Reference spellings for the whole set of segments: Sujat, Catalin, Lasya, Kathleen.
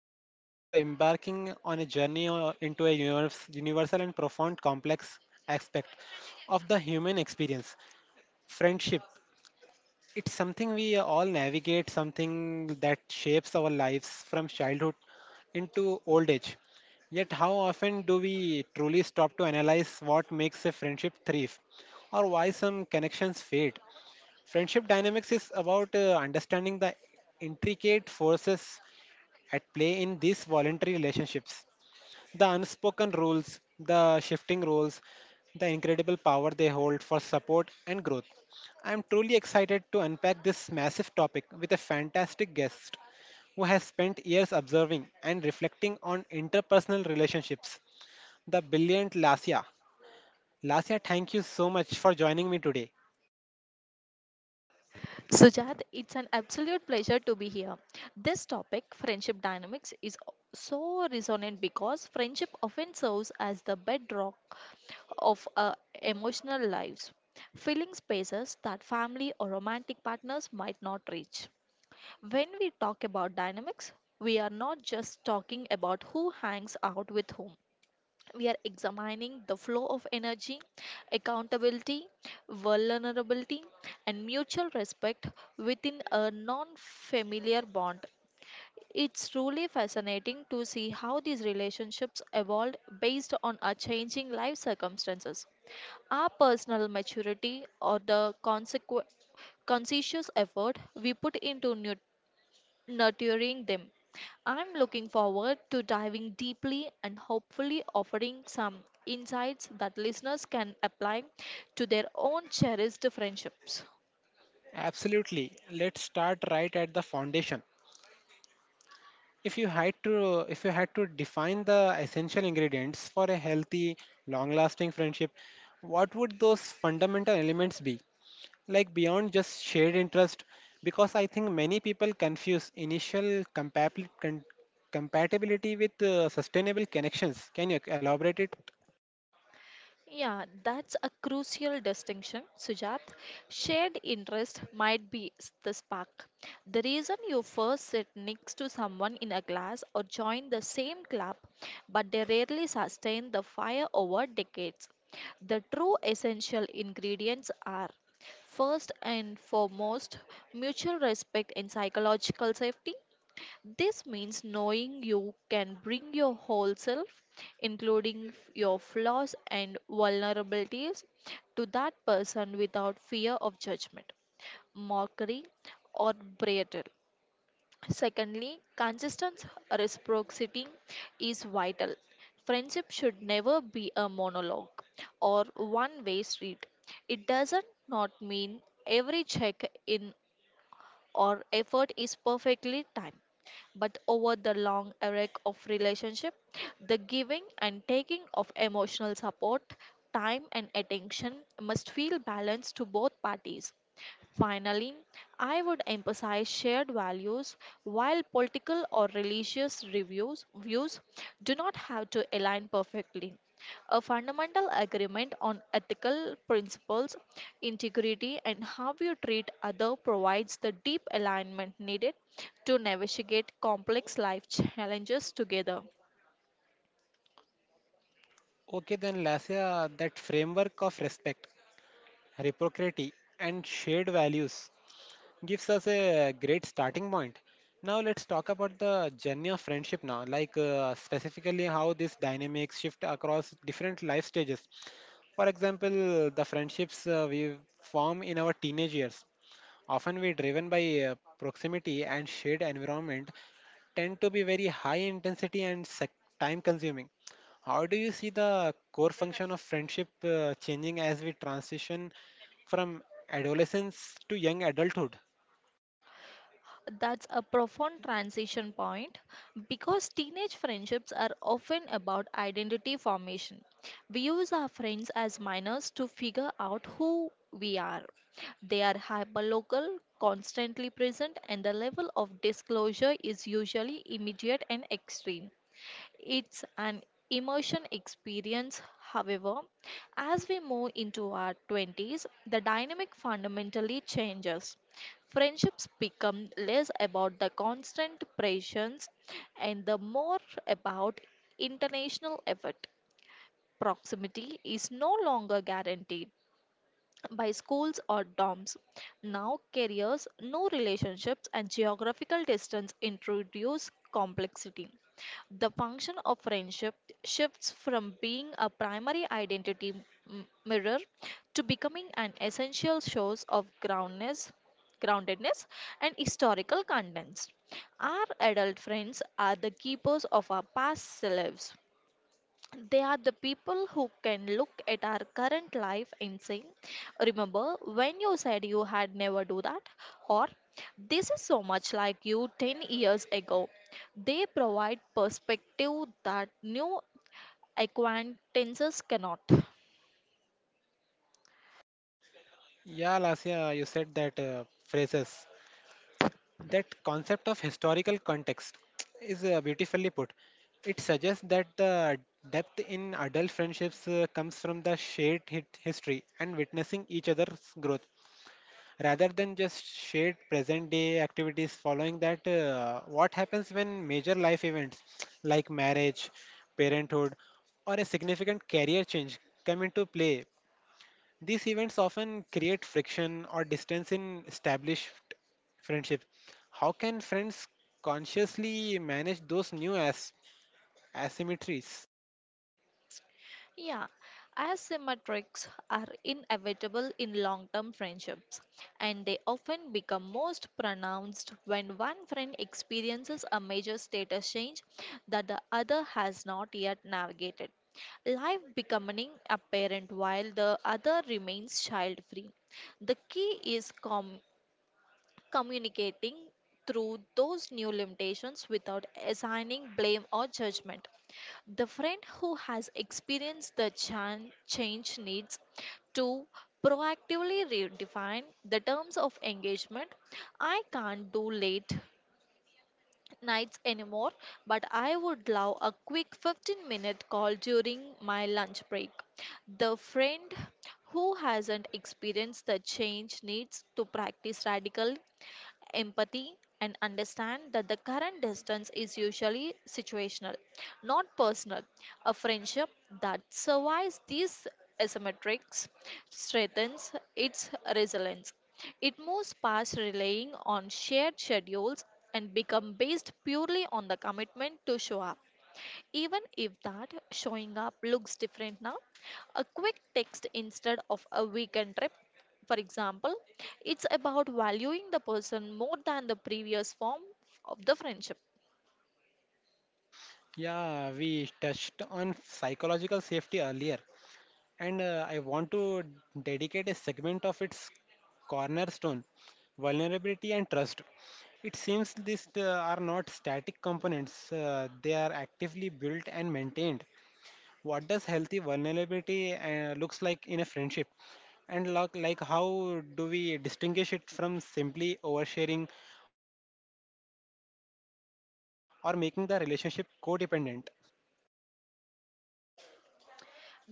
and today we are embarking on a journey into a universal and profound complex aspect of the human experience friendship. It's something we all navigate, something that shapes our lives from childhood into old age. Yet, how often do we truly stop to analyze what makes a friendship thrive or why some connections fade? Friendship dynamics is about understanding the intricate forces at play in these voluntary relationships, the unspoken rules, the shifting roles, the incredible power they hold for support and growth. I am truly excited to unpack this massive topic with a fantastic guest who has spent years observing and reflecting on interpersonal relationships, the brilliant Lasya. Lasya, thank you so much for joining me today. Sujat, it's an absolute pleasure to be here. This topic, friendship dynamics, is so resonant because friendship often serves as the bedrock of our emotional lives, filling spaces that family or romantic partners might not reach. When we talk about dynamics, we are not just talking about who hangs out with whom, we are examining the flow of energy, accountability, vulnerability, and mutual respect within a non familiar bond. It's truly fascinating to see how these relationships evolved based on our changing life circumstances, our personal maturity, or the consequence conscientious effort we put into nurturing them. I'm looking forward to diving deeply and hopefully offering some insights that listeners can apply to their own cherished friendships. Absolutely. Let's start right at the foundation. If you had to define the essential ingredients for a healthy, long-lasting friendship, what would those fundamental elements be? Like beyond just shared interest, because I think many people confuse initial compatibility with sustainable connections. Can you elaborate it? Yeah, that's a crucial distinction, Sujat. Shared interest might be the spark, the reason you first sit next to someone in a class or join the same club, but they rarely sustain the fire over decades. The true essential ingredients are, first and foremost, mutual respect and psychological safety. This means knowing you can bring your whole self, including your flaws and vulnerabilities, to that person without fear of judgment, mockery, or betrayal. Secondly, consistent reciprocity is vital. Friendship should never be a monologue or one way street. It does not mean every check in or effort is perfectly timed, but over the long arc of relationship, the giving and taking of emotional support, time, and attention must feel balanced to both parties. Finally, I would emphasize shared values. While political or religious reviews views do not have to align perfectly, a fundamental agreement on ethical principles, integrity, and how you treat other provides the deep alignment needed to navigate complex life challenges together. Okay, then Lasya, that framework of respect, reciprocity, and shared values gives us a great starting point. Now let's talk about the journey of friendship now, like specifically how these dynamics shift across different life stages. For example, the friendships we form in our teenage years, often we driven by proximity and shared environment, tend to be very high intensity and time consuming. How do you see the core function of friendship changing as we transition from adolescence to young adulthood? That's a profound transition point, because teenage friendships are often about identity formation. We use our friends as minors to figure out who we are. They are hyperlocal, constantly present, and the level of disclosure is usually immediate and extreme. It's an emotion experience. However, as we move into our 20s, the dynamic fundamentally changes. Friendships become less about the constant pressures and the more about international effort. Proximity is no longer guaranteed by schools or dorms. Now, careers, no relationships, and geographical distance introduce complexity. The function of friendship shifts from being a primary identity mirror to becoming an essential source of groundedness and historical contents. Our adult friends are the keepers of our past selves. They are the people who can look at our current life and say, "Remember when you said you had never do that?" Or, "This is so much like you 10 years ago." They provide perspective that new acquaintances cannot. Yeah, Lasya, you said that phrases. That concept of historical context is beautifully put. It suggests that the depth in adult friendships comes from the shared hit history and witnessing each other's growth rather than just shared present day activities following that what happens when major life events like marriage parenthood or a significant career change come into play these events often create friction or distance in established friendships. How can friends consciously manage those new asymmetries? Yeah, asymmetrics are inevitable in long term friendships, and they often become most pronounced when one friend experiences a major status change that the other has not yet navigated. Life becoming apparent while the other remains child free. The key is communicating through those new limitations without assigning blame or judgment. The friend who has experienced the change needs to proactively redefine the terms of engagement. "I can't do late nights anymore, but I would love a quick 15-minute call during my lunch break." The friend who hasn't experienced the change needs to practice radical empathy and understand that the current distance is usually situational, not personal. A friendship that survives these asymmetrics strengthens its resilience. It moves past relying on shared schedules and become based purely on the commitment to show up. Even if that showing up looks different now, a quick text instead of a weekend trip, for example, it's about valuing the person more than the previous form of the friendship. Yeah, we touched on psychological safety earlier, and I want to dedicate a segment of its cornerstone vulnerability and trust. It seems these are not static components, they are actively built and maintained. What does healthy vulnerability looks like in a friendship? And like how do we distinguish it from simply oversharing or making the relationship codependent?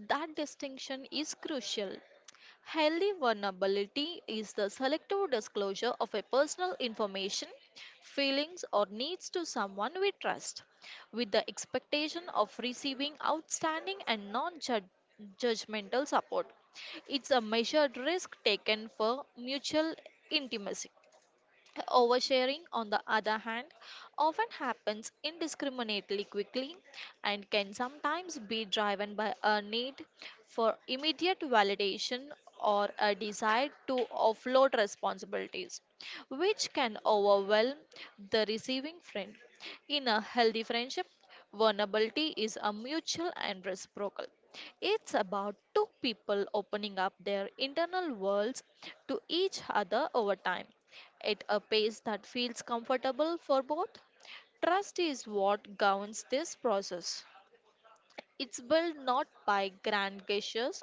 That distinction is crucial. Highly vulnerability is the selective disclosure of a personal information, feelings, or needs to someone we trust, with the expectation of receiving outstanding and non judgmental support. It's a measured risk taken for mutual intimacy. Oversharing, on the other hand, often happens indiscriminately quickly and can sometimes be driven by a need for immediate validation or a desire to offload responsibilities, which can overwhelm the receiving friend. In a healthy friendship, vulnerability is a mutual and reciprocal. It's about two people opening up their internal worlds to each other over time at a pace that feels comfortable for both. Trust is what governs this process. It's built not by grand gestures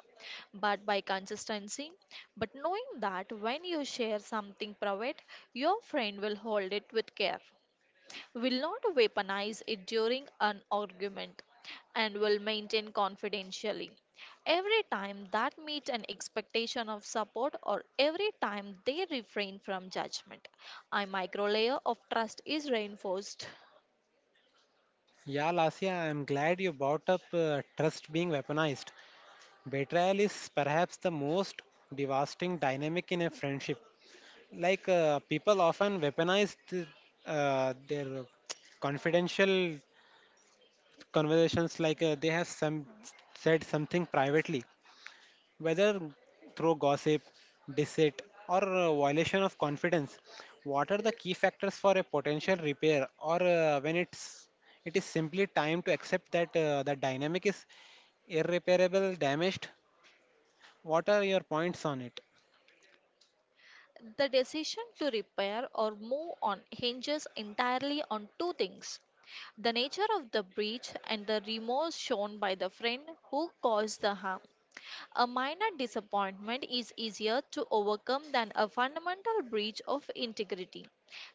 but by consistency. But knowing that when you share something private, your friend will hold it with care, will not weaponize it during an argument, and will maintain confidentially every time that meet an expectation of support, or every time they refrain from judgment, a micro layer of trust is reinforced. Yeah, Lasya, I'm glad you brought up trust being weaponized. Betrayal is perhaps the most devastating dynamic in a friendship. Like people often weaponize their confidential conversations, like they have some said something privately Whether through gossip, dissent, or violation of confidence, what are the key factors for a potential repair, or when it is simply time to accept that the dynamic is irreparable, damaged? What are your points on it? The decision to repair or move on hinges entirely on two things: the nature of the breach, and the remorse shown by the friend who caused the harm. A minor disappointment is easier to overcome than a fundamental breach of integrity,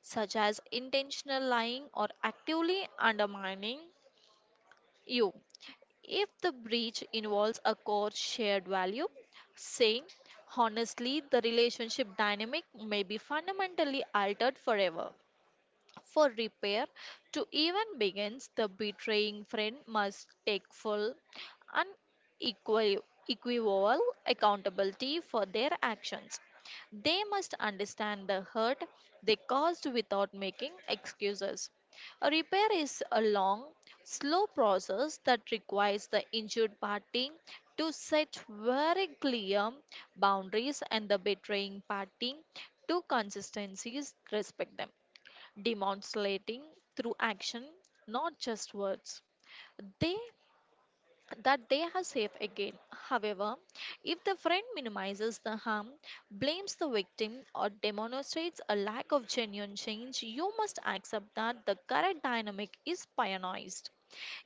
such as intentional lying or actively undermining you. If the breach involves a core shared value, say, honestly, the relationship dynamic may be fundamentally altered forever. For repair to even begin, the betraying friend must take full and equi- equivocal accountability for their actions. They must understand the hurt they caused without making excuses. A repair is a long, slow process that requires the injured party to set very clear boundaries, and the betraying party to consistencies respect them, demonstrating through action, not just words, They that they are safe again. However, if the friend minimizes the harm, blames the victim, or demonstrates a lack of genuine change, you must accept that the current dynamic is pioneered.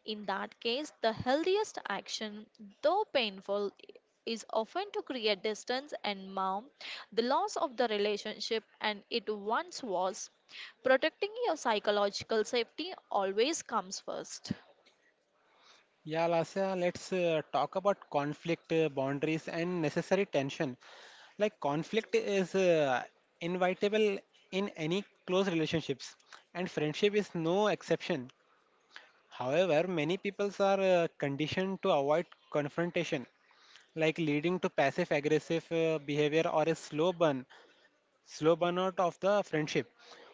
In that case, the healthiest action, though painful, is often to create distance and mourn the loss of the relationship and it once was. Protecting your psychological safety always comes first. Yeah, Lasya, let's talk about conflict boundaries and necessary tension. Like conflict is inevitable in any close relationships, and friendship is no exception. However, many people are conditioned to avoid confrontation, like leading to passive aggressive behavior or a slow burnout of the friendship.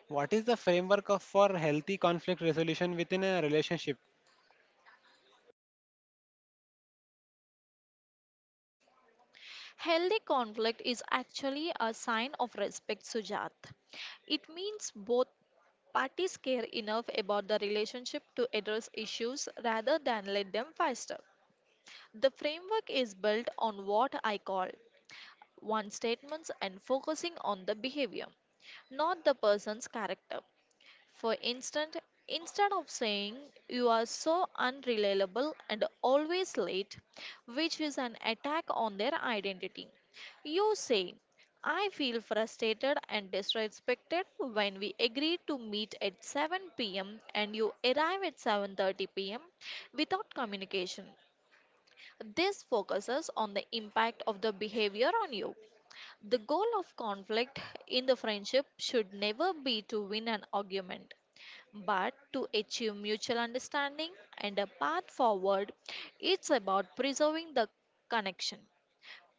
What is the framework for healthy conflict resolution within a relationship? Healthy conflict is actually a sign of respect, Sujat. It means both parties care enough about the relationship to address issues rather than let them fester. The framework is built on what I call one statements, and focusing on the behavior, not the person's character. For instance, instead of saying, "You are so unreliable and always late," which is an attack on their identity, you say, "I feel frustrated and disrespected when we agreed to meet at 7 p.m. and you arrive at 7:30 p.m. without communication." This focuses on the impact of the behavior on you. The goal of conflict in the friendship should never be to win an argument, but to achieve mutual understanding and a path forward. It's about preserving the connection.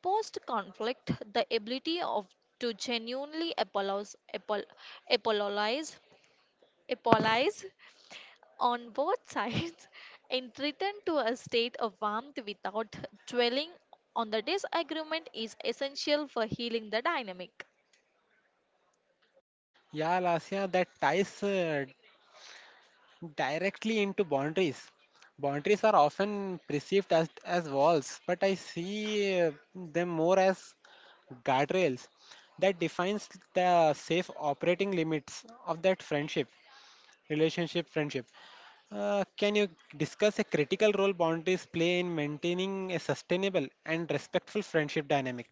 Post conflict, the ability of to genuinely apologize, apologize on both sides and return to a state of warmth without dwelling on the disagreement is essential for healing the dynamic. Yeah, Lasya, that ties directly into boundaries. Boundaries are often perceived as walls, but I see them more as guardrails that defines the safe operating limits of that friendship. Relationship, friendship. Can you discuss a critical role boundaries play in maintaining a sustainable and respectful friendship dynamic,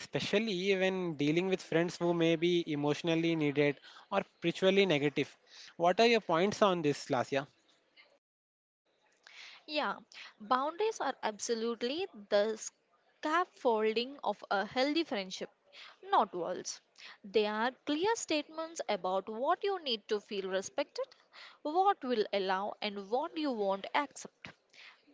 especially when dealing with friends who may be emotionally needed or spiritually negative? What are your points on this, Lasya? Yeah, boundaries are absolutely the scaffolding of a healthy friendship, not walls. They are clear statements about what you need to feel respected, what will allow, and what you won't accept.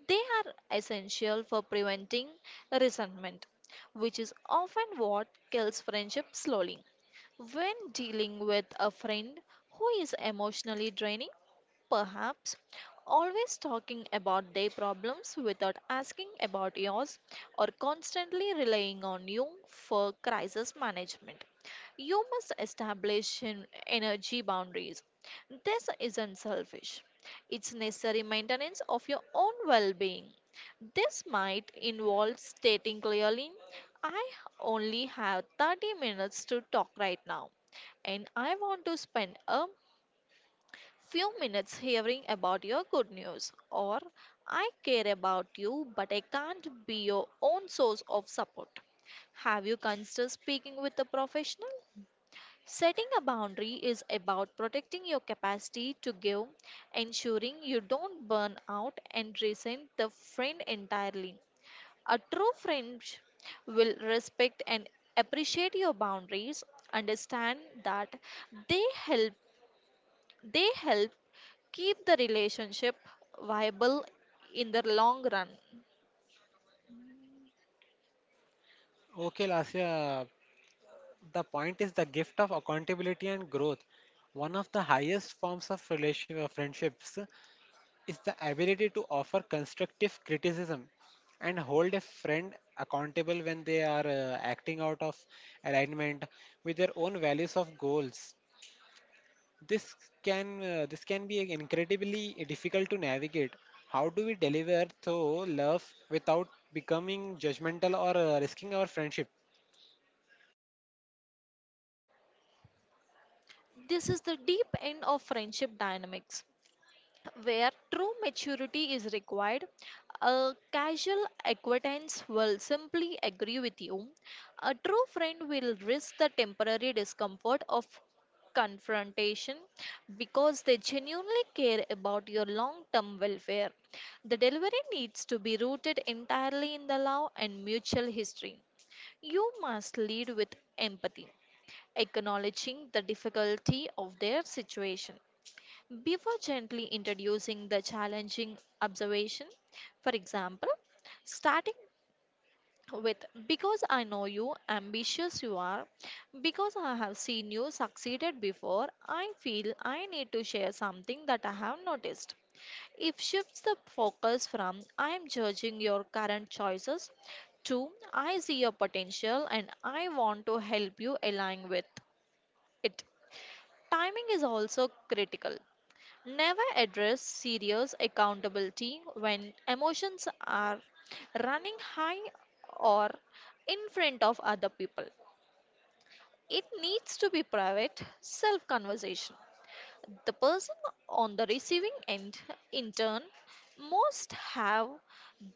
They are essential for preventing resentment, which is often what kills friendship slowly. When dealing with a friend who is emotionally draining, perhaps always talking about their problems without asking about yours or constantly relying on you for crisis management, you must establish an energy boundaries. This isn't selfish. It's necessary maintenance of your own well being. This might involve stating clearly, "I only have 30 minutes to talk right now, and I want to spend a few minutes hearing about your good news." Or, "I care about you, but I can't be your own source of support. Have you considered speaking with a professional?" Setting a boundary is about protecting your capacity to give, ensuring you don't burn out, and resent the friend entirely. A true friend will respect and appreciate your boundaries, understand that they help they help keep the relationship viable in the long run. Okay, Lasya, the point is the gift of accountability and growth. One of the highest forms of relationship friendships is the ability to offer constructive criticism and hold a friend accountable when they are acting out of alignment with their own values of goals this this can be incredibly difficult to navigate how do we deliver though love without becoming judgmental or risking our friendship This is the deep end of friendship dynamics, where true maturity is required. A casual acquaintance will simply agree with you. A true friend will risk the temporary discomfort of confrontation because they genuinely care about your long term welfare. The delivery needs to be rooted entirely in the love and mutual history. You must lead with empathy, acknowledging the difficulty of their situation before gently introducing the challenging observation. For example, starting with, "Because I know you ambitious you are, because I have seen you succeeded before, I feel I need to share something that I have noticed." If shifts the focus from "I am judging your current choices" to "I see your potential and I want to help you align with it." Timing is also critical. Never address serious accountability when emotions are running high or in front of other people. It needs to be private self conversation. The person on the receiving end, in turn, must have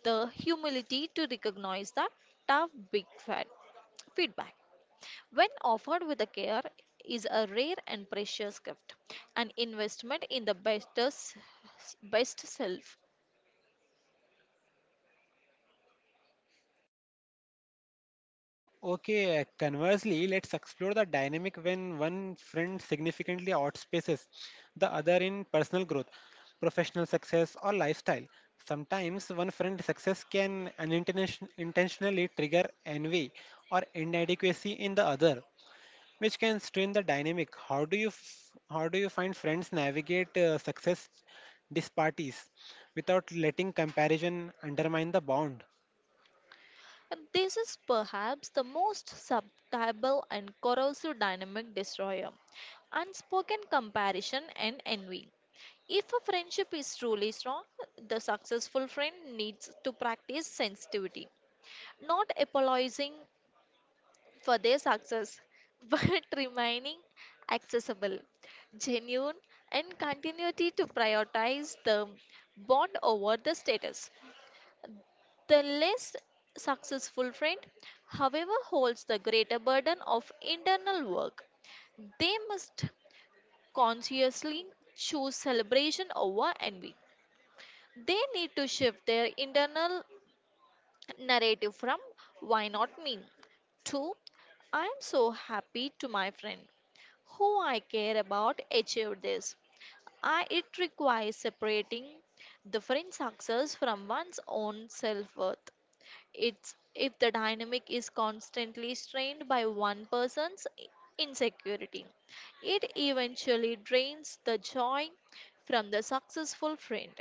the humility to recognize that tough big fat feedback, when offered with the care, is a rare and precious gift, an investment in the best, best self. Okay, conversely, let's explore the dynamic when one friend significantly outspaces the other in personal growth, professional success, or lifestyle. Sometimes one friend's success can intentionally trigger envy or inadequacy in the other, which can strain the dynamic. How do you find friends navigate success disparities without letting comparison undermine the bond? And this is perhaps the most subtle and corrosive dynamic destroyer, unspoken comparison and envy. If a friendship is truly strong, the successful friend needs to practice sensitivity, not apologizing for their success, but remaining accessible, genuine, and continuity to prioritize the bond over the status. The less successful friend, however, holds the greater burden of internal work. They must consciously choose celebration over envy. They need to shift their internal narrative from why not me to I am so happy to my friend who I care about achieve this. I, it requires separating the friend's success from one's own self worth. It's if the dynamic is constantly strained by one person's insecurity, it eventually drains the joy from the successful friend.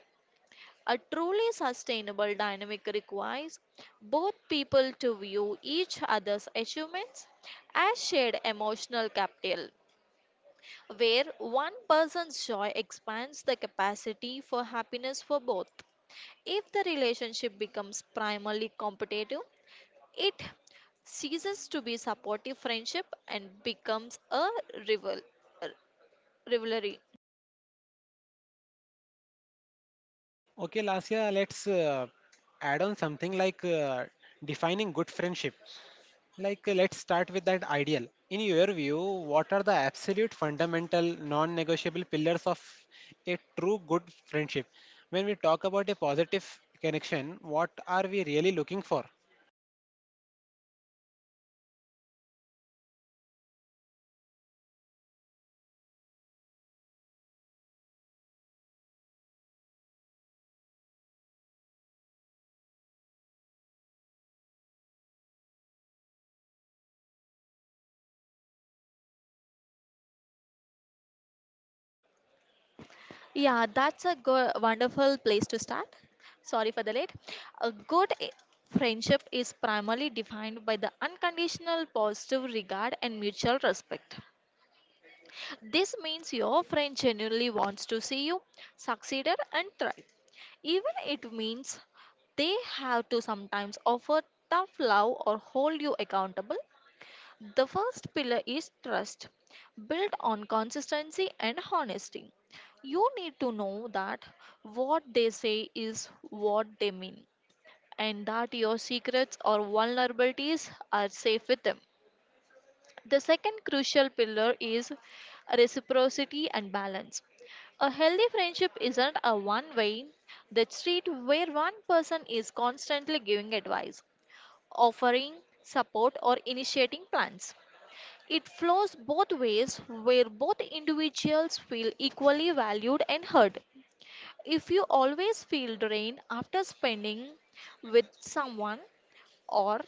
A truly sustainable dynamic requires both people to view each other's achievements as shared emotional capital where one person's joy expands the capacity for happiness for both. If the relationship becomes primarily competitive, it ceases to be supportive friendship and becomes a rival uh, rivalry. Okay, Lasya, let's add on something like defining good friendship. Like, let's start with that ideal. In your view, what are the absolute fundamental non negotiable pillars of a true good friendship? When we talk about a positive connection, what are we really looking for? Yeah, that's a wonderful place to start. Sorry for the late. A good friendship is primarily defined by the unconditional positive regard and mutual respect. This means your friend genuinely wants to see you succeed and thrive, even it means they have to sometimes offer tough love or hold you accountable. The first pillar is trust, built on consistency and honesty. You need to know that what they say is what they mean and that your secrets or vulnerabilities are safe with them. The second crucial pillar is reciprocity and balance. A healthy friendship isn't a one way street where one person is constantly giving advice, offering support, or initiating plans. It flows both ways where both individuals feel equally valued and heard. If you always feel drained after spending with someone, or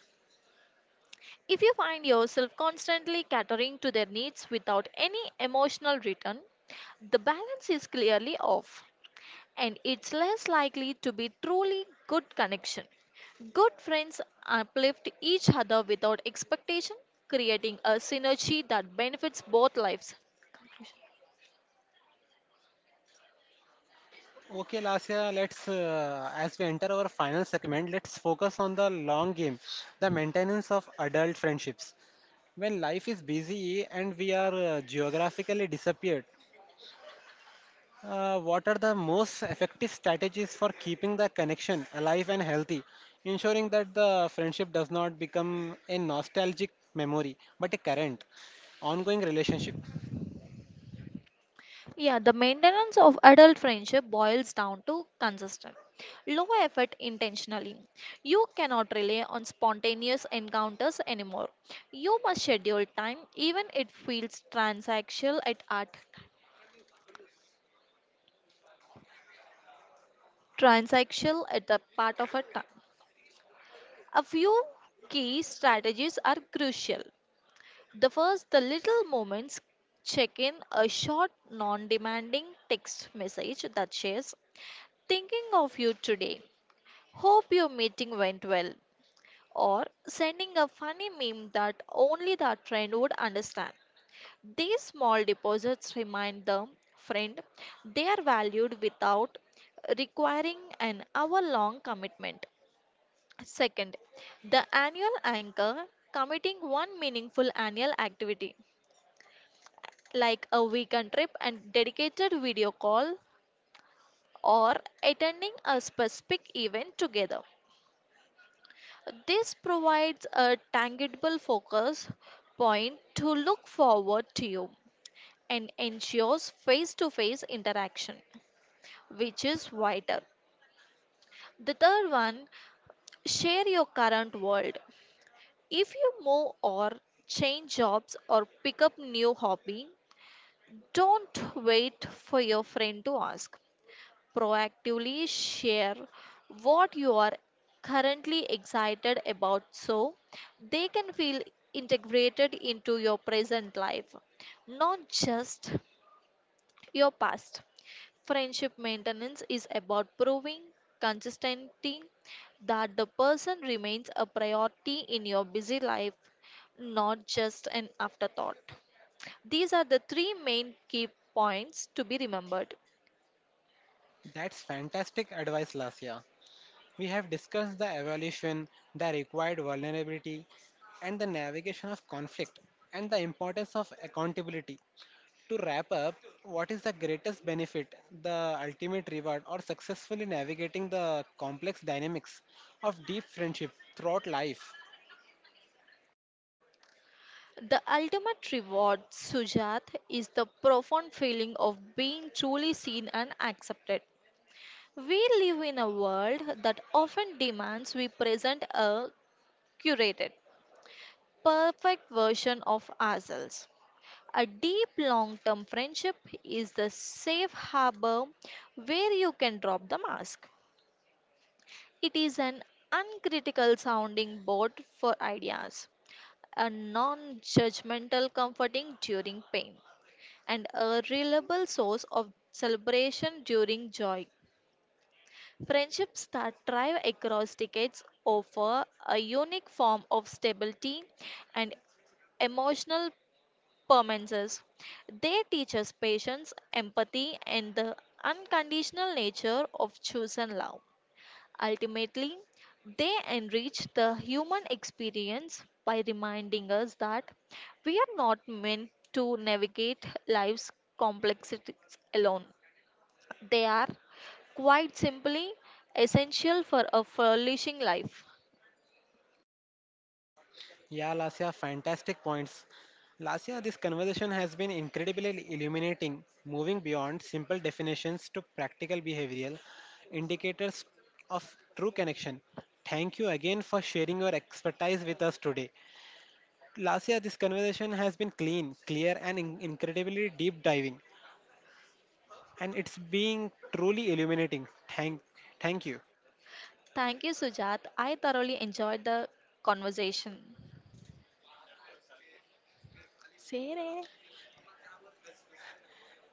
if you find yourself constantly catering to their needs without any emotional return, the balance is clearly off and it's less likely to be truly good connection. Good friends uplift each other without expectation, creating a synergy that benefits both lives. Okay, Lasya, let's, as we enter our final segment, let's focus on the long game, the maintenance of adult friendships. When life is busy and we are geographically disappeared, what are the most effective strategies for keeping the connection alive and healthy, ensuring that the friendship does not become a nostalgic memory but a current, ongoing relationship? Yeah, the maintenance of adult friendship boils down to consistent, low effort intentionally. You cannot rely on spontaneous encounters anymore. You must schedule time, even it feels transactional at transactional at the part of a time. A few key strategies are crucial. The first, the little moments check in, a short, non demanding text message that says, thinking of you today, hope your meeting went well. Or sending a funny meme that only that friend would understand. These small deposits remind the friend they are valued without requiring an hour long commitment. Second, the annual anchor committing one meaningful annual activity like a weekend trip and dedicated video call or attending a specific event together. This provides a tangible focus point to look forward to you and ensures face to face interaction, which is vital. The third one, share your current world. If you move or change jobs or pick up new hobby, don't wait for your friend to ask. Proactively share what you are currently excited about so they can feel integrated into your present life, not just your past. Friendship maintenance is about proving consistently that the person remains a priority in your busy life, not just an afterthought. These are the three main key points to be remembered. That's fantastic advice, Lasya. We have discussed the evolution, the required vulnerability, and the navigation of conflict, and the importance of accountability. To wrap up, what is the greatest benefit, the ultimate reward, or successfully navigating the complex dynamics of deep friendship throughout life? The ultimate reward, Sujat, is the profound feeling of being truly seen and accepted. We live in a world that often demands we present a curated, perfect version of ourselves. A deep long term friendship is the safe harbor where you can drop the mask. It is an uncritical sounding board for ideas, a non judgmental comforting during pain and a reliable source of celebration during joy. Friendships that thrive across decades offer a unique form of stability and emotional permanence. They teach us patience, empathy, and the unconditional nature of chosen love. Ultimately, they enrich the human experience by reminding us that we are not meant to navigate life's complexities alone. They are quite simply essential for a flourishing life. Yeah, Lasya, fantastic points. Lasya, this conversation has been incredibly illuminating, moving beyond simple definitions to practical behavioral indicators of true connection. Thank you again for sharing your expertise with us today. Lasya, this conversation has been clean, clear, and incredibly deep diving. And it's being truly illuminating. Thank you. Thank you, Sujat. I thoroughly enjoyed the conversation.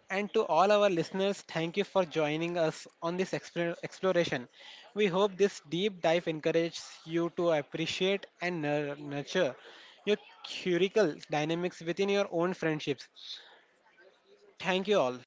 And to all our listeners, thank you for joining us on this exploration. We hope this deep dive encourages you to appreciate and nurture your curical dynamics within your own friendships. Thank you all.